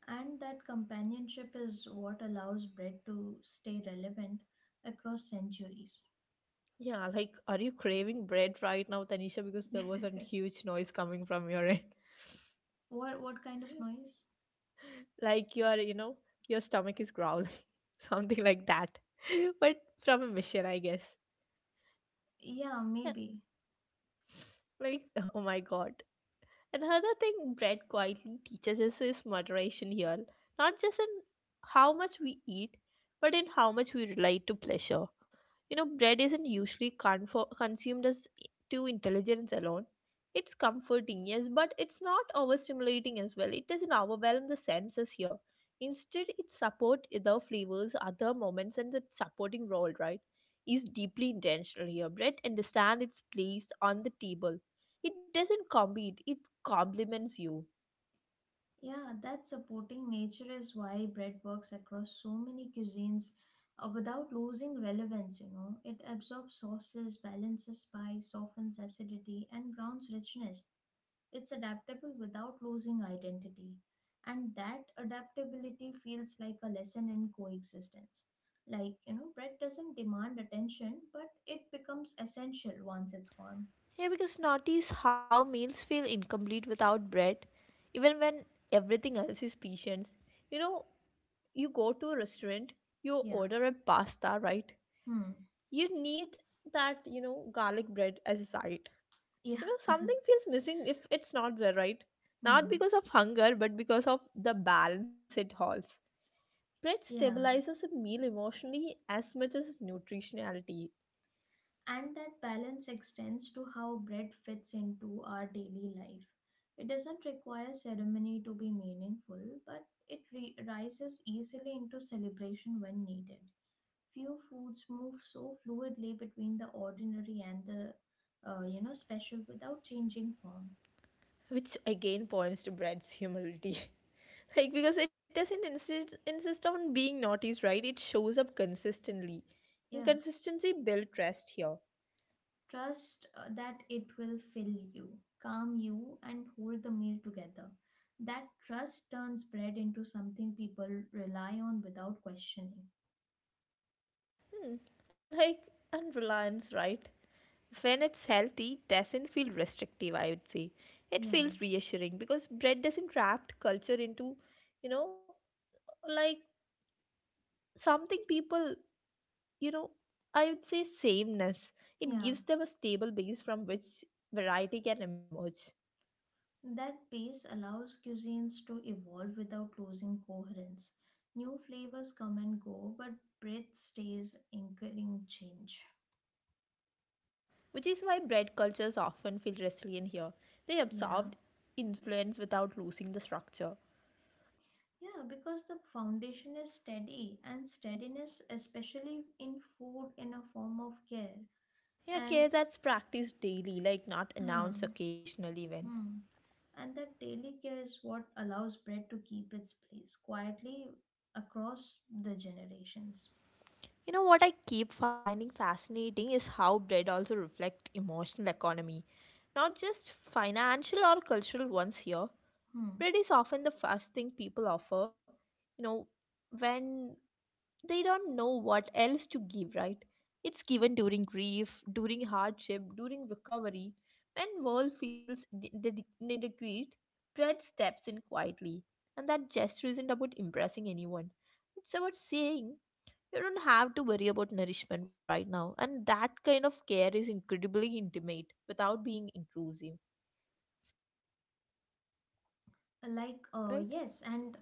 And that companionship is what allows bread to stay relevant across centuries. Yeah, like, are you craving bread right now, Tanisha? Because there was a huge noise coming from your end. What kind of noise? Like, you are, you know, your stomach is growling, something like that. But from a mission, I guess. Yeah, Yeah, maybe. like, oh my god. Another thing bread quietly teaches us is moderation here, not just in how much we eat, but in how much we relate to pleasure. You know, bread isn't usually consumed as to intelligence alone. It's comforting, yes, but it's not overstimulating as well. It doesn't overwhelm the senses here. Instead, it supports other flavors, other moments, and the supporting role, right, is deeply intentional here. Bread understands its place on the table. It doesn't compete, it complements you. Yeah, that supporting nature is why bread works across so many cuisines without losing relevance, you know. It absorbs sauces, balances spice, softens acidity, and grounds richness. It's adaptable without losing identity. And that adaptability feels like a lesson in coexistence. Like, you know, bread doesn't demand attention, but it becomes essential once it's gone. Yeah, because notice how meals feel incomplete without bread, even when everything else is patience. You know, you go to a restaurant, you Yeah. order a pasta, right? Hmm. You need that, you know, garlic bread as a side. You Yeah. know, something feels missing if it's not there, right? Not Hmm. because of hunger, but because of the balance it holds. Bread Yeah. stabilizes a meal emotionally as much as nutritionality, And that balance extends to how bread fits into our daily life. It doesn't require ceremony to be meaningful, but it rises easily into celebration when needed. Few foods move so fluidly between the ordinary and the you know special without changing form. which again points to Brad's humility. Like, because it doesn't insist on being naughty, right? It shows up consistently. And Yeah, consistency builds trust here. trust that it will fill you, calm you, and hold the meal together. That trust turns bread into something people rely on without questioning. Hmm. Like, and reliance, right? When it's healthy, doesn't feel restrictive, I would say. It Yeah, feels reassuring because Brad doesn't wrap culture into, you know, like something people, you know, I would say sameness. It yeah. gives them a stable base from which variety can emerge. That pace allows cuisines to evolve without losing coherence. New flavors come and go, but breadth stays anchoring change. Which is why bread cultures often feel resilient here. They Yeah. absorbed influence without losing the structure. Yeah, because the foundation is steady, and steadiness, especially in food, in a form of care, Yeah, okay, and that's practiced daily, like not announced hmm, occasionally when. hmm, and that daily care is what allows bread to keep its place quietly across the generations. You know what I keep finding fascinating is how bread also reflects emotional economy, not just financial or cultural ones here. Hmm. Bread is often the first thing people offer, you know, when they don't know what else to give, right? It's given during grief, during hardship, during recovery. When world feels inadequate, bread steps in quietly. And that gesture isn't about impressing anyone. It's about saying, you don't have to worry about nourishment right now. And that kind of care is incredibly intimate without being intrusive, Like, right? yes, and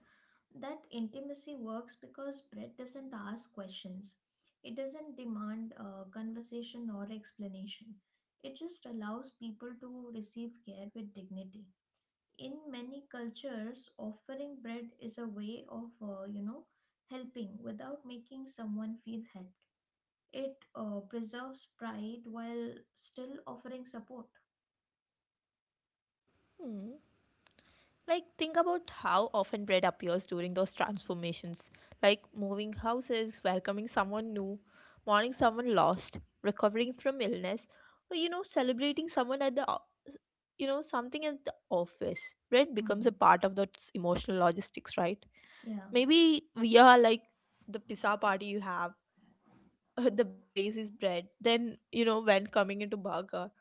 that intimacy works because bread doesn't ask questions. It doesn't demand conversation or explanation. It just allows people to receive care with dignity. In many cultures offering bread is a way of, you know, helping without making someone feel helped. It preserves pride while still offering support. Hmm. Like, think about how often bread appears during those transformations, like moving houses, welcoming someone new, mourning someone lost, recovering from illness, or you know, celebrating someone at the, you know, something at the office. Bread becomes a Hmm. part of those emotional logistics, right? Yeah, Maybe we are like the pizza party you have, the base is bread, then you know, when coming into burger,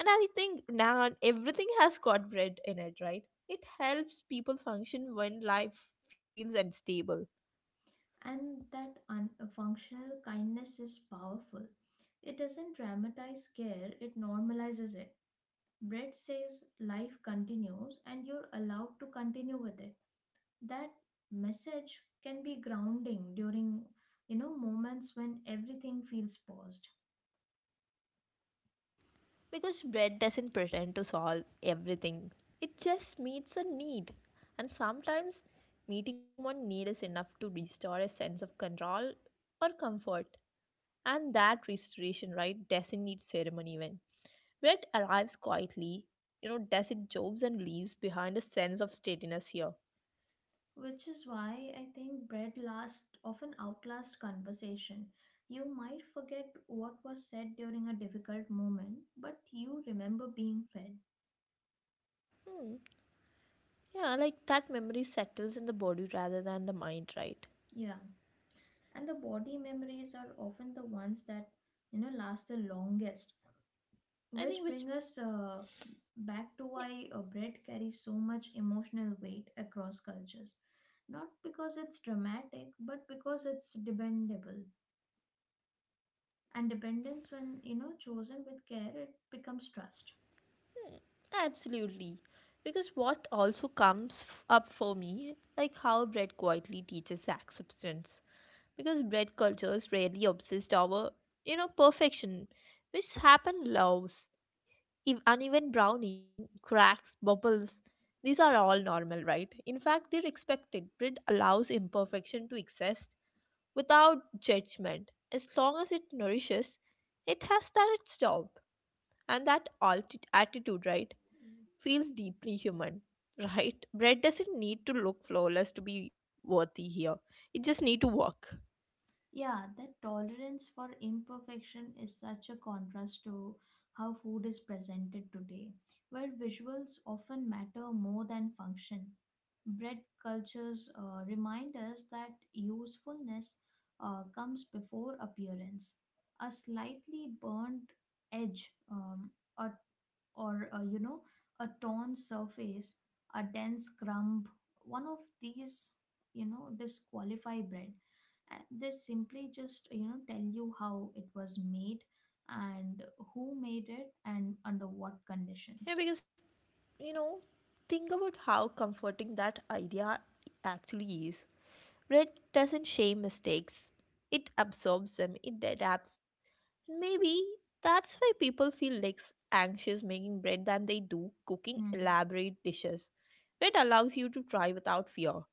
and I think naan, everything has got bread in it, right? It helps people function when life feels unstable. and that functional kindness is powerful. It doesn't dramatize care, it normalizes it. Bread says life continues and you're allowed to continue with it. That message can be grounding during, you know, moments when everything feels paused, Because bread doesn't pretend to solve everything, it just meets a need. And sometimes meeting one need is enough to restore a sense of control or comfort. And that restoration, right, doesn't need ceremony even. Bread arrives quietly, you know, desert jobs, and leaves behind a sense of steadiness here. which is why I think bread last often outlast conversation. You might forget what was said during a difficult moment but you remember being fed. Hmm. Yeah, like that memory settles in the body rather than the mind, right? Yeah, and the body memories are often the ones that, you know, last the longest, I which think brings which. us back to Yeah, why bread carries so much emotional weight across cultures, not because it's dramatic but because it's dependable. And dependence, when, you know, chosen with care, it becomes trust. hmm, absolutely. Because what also comes up for me, like how bread quietly teaches acceptance. Because bread cultures rarely obsessed over, you know, perfection, which happen loves. If uneven browning, cracks, bubbles, these are all normal, right? In fact, they're expected. Bread allows imperfection to exist without judgment. As long as it nourishes, it has done its job. And that attitude, right, feels deeply human, right? Bread doesn't need to look flawless to be worthy here. It just need to work. Yeah, that tolerance for imperfection is such a contrast to how food is presented today, where visuals often matter more than function. Bread cultures remind us that usefulness comes before appearance. A slightly burnt edge, a or, you know, a torn surface, a dense crumb, one of these, you know, disqualify bread, and they simply, just, you know, tell you how it was made and who made it and under what conditions. Yeah, because, you know, think about how comforting that idea actually is. Bread doesn't shame mistakes, it absorbs them, it adapts. And maybe that's why people feel less anxious making bread than they do cooking Hmm. elaborate dishes. Bread allows you to try without fear.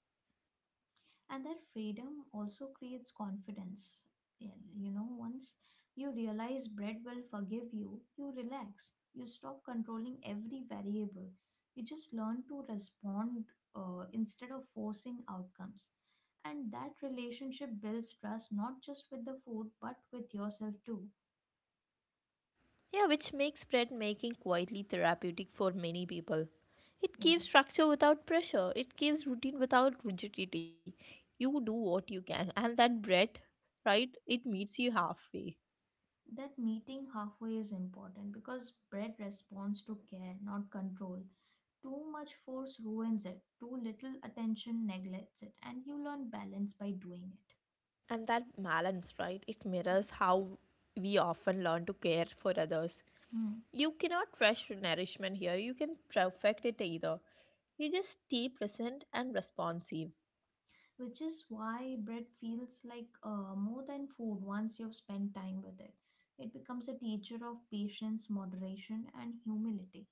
And that freedom also creates confidence. And, you know, once you realize bread will forgive you, you relax, you stop controlling every variable, you just learn to respond instead of forcing outcomes. And that relationship builds trust not just with the food but with yourself too. Yeah, which makes bread making quietly therapeutic for many people. It Yeah. gives structure without pressure, it gives routine without rigidity. You do what you can, and that bread, right, it meets you halfway. That meeting halfway is important because bread responds to care, not control. Too much force ruins it, too little attention neglects it, and you learn balance by doing it. And that balance, right? It Yeah. mirrors how we often learn to care for others. Hmm. You cannot rush nourishment here, you can perfect it either. You just stay present and responsive. Which is why bread feels like more than food once you've spent time with it. It becomes a teacher of patience, moderation, and humility.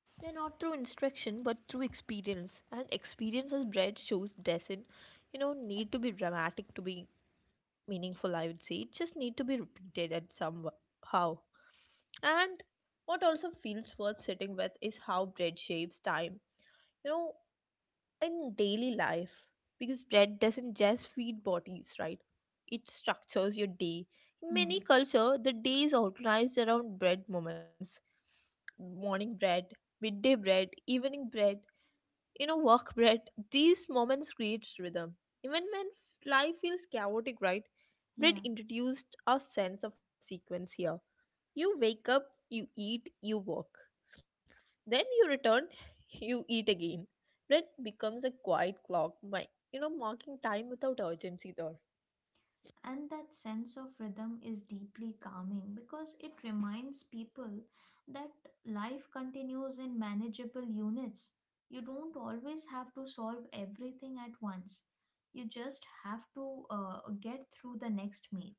Yeah, not through instruction, but through experience. And experience, as bread shows, doesn't, you know, need to be dramatic to be meaningful, I would say. It just need to be repeated at some how. And what also feels worth sitting with is how bread shapes time. You know, in daily life, because bread doesn't just feed bodies, right, it structures your day. In many Hmm. culture, the day is organized around bread moments: morning bread, midday bread, evening bread, you know, work bread. These moments create rhythm even when life feels chaotic, right? Bread Yeah. introduced a sense of sequence here. You wake up, you eat, you work, then you return, you eat again. Bread becomes a quiet clock, my, you know, marking time without urgency there. And that sense of rhythm is deeply calming because it reminds people that life continues in manageable units. You don't always have to solve everything at once. You just have to get through the next meal.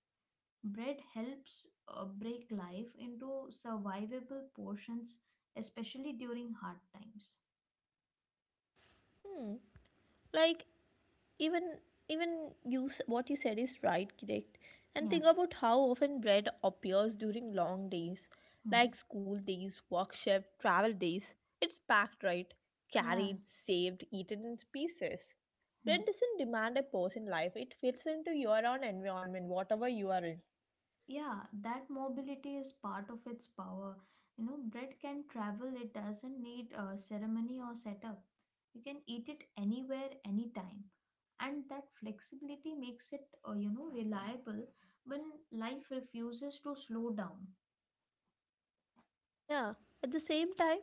Bread helps break life into survivable portions, especially during hard times. Hmm. Like even even you what you said is right, correct. And Yeah. think about how often bread appears during long days, Hmm. like school days, work shift, travel days. It's packed right, Yeah. carried, saved, eaten in pieces. Hmm. Bread doesn't demand a pause in life. It fits into your own environment, whatever you are in. Yeah, that mobility is part of its power. You know, bread can travel, it doesn't need a ceremony or setup. You can eat it anywhere, anytime. And that flexibility makes it, you know, reliable when life refuses to slow down, Yeah, at the same time,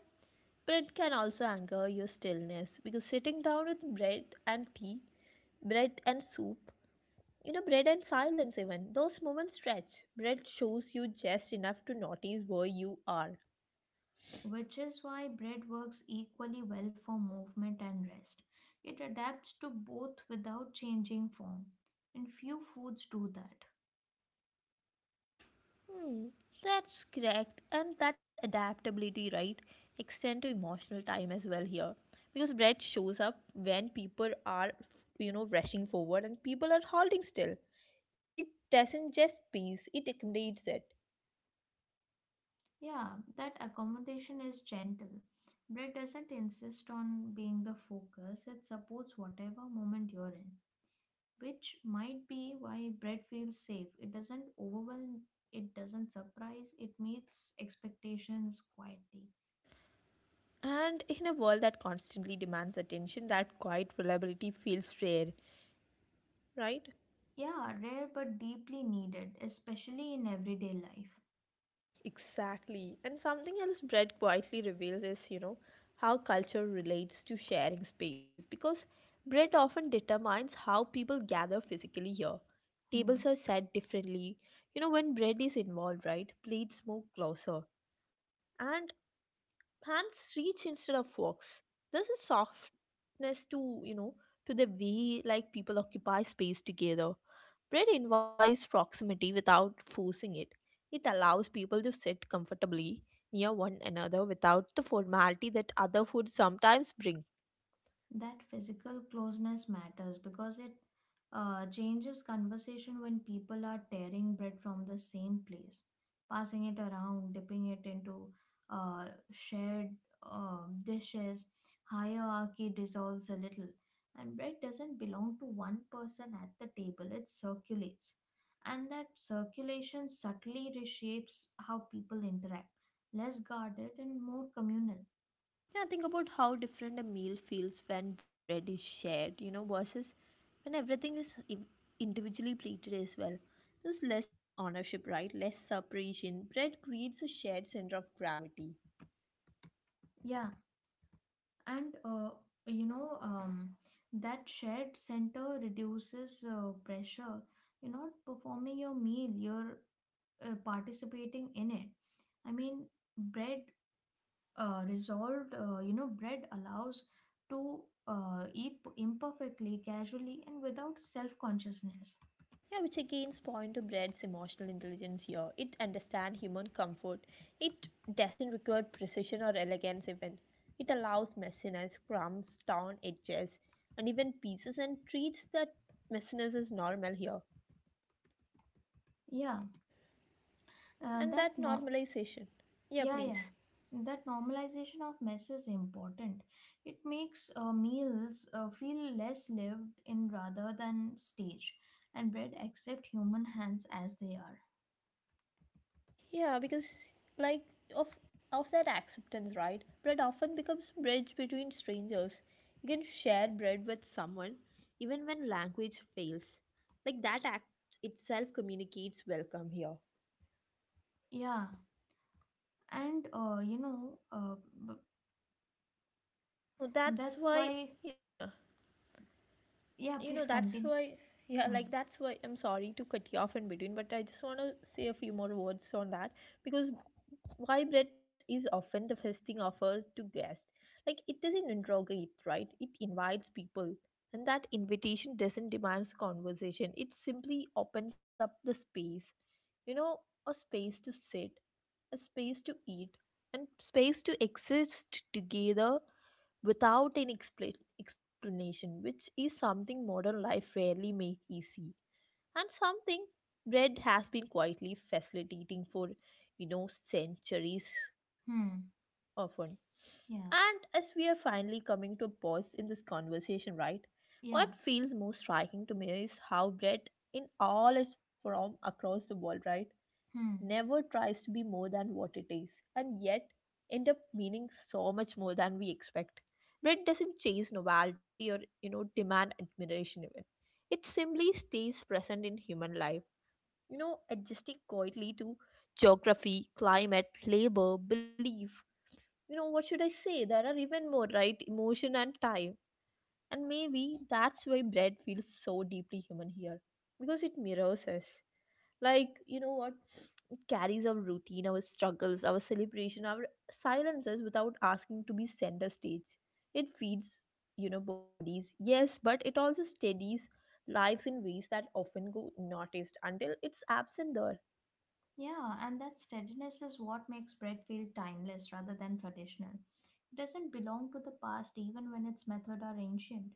bread can also anger your stillness because sitting down with bread and tea, bread and soup, bread and silence, even those moments stretch. Bread shows you just enough to notice where you are. which is why bread works equally well for movement and rest. It adapts to both without changing form, and few foods do that. Hmm, that's correct, and that adaptability, right, extend to emotional time as well here because bread shows up when people are, rushing forward and people are holding still. It doesn't just peace, it accommodates it. Yeah, that accommodation is gentle. Bread doesn't insist on being the focus, it supports whatever moment you're in, which might be why bread feels safe. It doesn't overwhelm, it doesn't surprise, it meets expectations quietly. And in a world that constantly demands attention, that quiet reliability feels rare, right? Yeah, rare but deeply needed, especially in everyday life. Exactly. And something else, bread quietly reveals is, how culture relates to sharing space because bread often determines how people gather physically here. Hmm. Tables are set differently. You know, when bread is involved, right? Plates move closer and hands reach instead of forks. There's a soft closeness to, to the way, like, people occupy space together. Bread invites proximity without forcing it. It allows people to sit comfortably near one another without the formality that other foods sometimes bring. That physical closeness matters because it changes conversation when people are tearing bread from the same place, passing it around, dipping it into uh, shared dishes. Hierarchy dissolves a little, and bread doesn't belong to one person at the table, it circulates. And that circulation subtly reshapes how people interact, less guarded and more communal. Yeah, think about how different a meal feels when bread is shared, versus when everything is individually plated as well. There's less ownership, right, less separation. Bread creates a shared center of gravity. Yeah, and, you know, that shared center reduces pressure. You're not performing your meal, you're participating in it. I mean, bread resolved you know, bread allows to eat imperfectly, casually, and without self-consciousness. Yeah, which again point to bread's emotional intelligence here. It understands human comfort. It doesn't require precision or elegance even. It allows messiness, crumbs, torn edges, and even pieces, and treats that messiness as normal here. Yeah, And that that no- normalization. Yeah, Yeah, please. yeah. That normalization of mess is important. It makes meals feel less lived in rather than staged, and bread accept human hands as they are. Yeah, because, like, of of that acceptance, right? Bread often becomes bridge between strangers. You can share bread with someone even when language fails. Like that act itself communicates welcome here. Yeah, and, you know, b- So that's that's why. why. Yeah, Yeah, please that's continue. why. Yeah, Hmm. like, that's why I'm sorry to cut you off in between, but I just want to say a few more words on that because why bread is often the first thing offered to guests. Like it doesn't interrogate, right? It invites people. And that invitation doesn't demand conversation. It simply opens up the space. You know, a space to sit, a space to eat, and space to exist together without an explanation, which is something modern life rarely make easy. And something bread has been quietly facilitating for, centuries Hmm. often. Yeah. And as we are finally coming to a pause in this conversation, right? What Yeah. feels most striking to me is how bread, in all its form across the world, right, Hmm. never tries to be more than what it is, and yet end up meaning so much more than we expect. Bread doesn't chase novelty or, demand admiration even. It simply stays present in human life, adjusting quietly to geography, climate, labor, belief, what should I say, there are even more, right, emotion and time. And maybe that's why bread feels so deeply human here, because it mirrors us. Like, you know what, it carries our routine, our struggles, our celebration, our silences without asking to be center stage. It feeds, bodies, yes, but it also steadies lives in ways that often go unnoticed until it's absent there. Yeah, and that steadiness is what makes bread feel timeless rather than traditional. It doesn't belong to the past even when its method are ancient.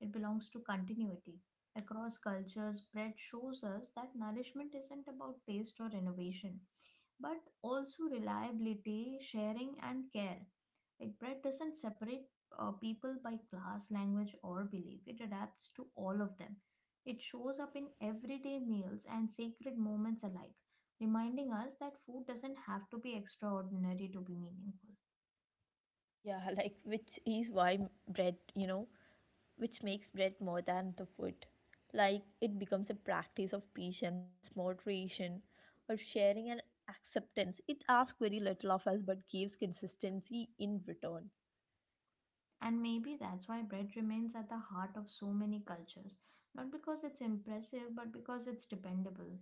It belongs to continuity. Across cultures, bread shows us that nourishment isn't about taste or innovation but also reliability, sharing, and care. Like bread doesn't separate people by class, language, or belief, it adapts to all of them. It shows up in everyday meals and sacred moments alike, reminding us that food doesn't have to be extraordinary to be meaningful. Yeah like, which is why bread, which makes bread more than the food. Like it becomes a practice of patience, moderation, or sharing and acceptance. It asks very little of us but gives consistency in return. And maybe that's why bread remains at the heart of so many cultures, not because it's impressive, but because it's dependable.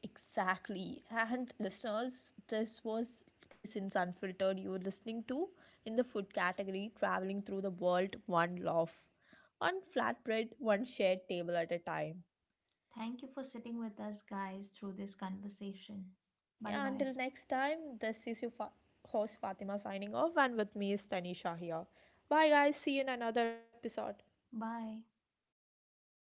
Exactly. And listeners, this was Kissin's Unfiltered you were listening to, in the food category, traveling through the world one loaf, one flatbread, one shared table at a time. Thank you for sitting with us, guys, through this conversation. Bye Yeah, bye. until next time, this is your host Fatima signing off, and with me is Tanisha here. Bye, guys. See you in another episode. Bye.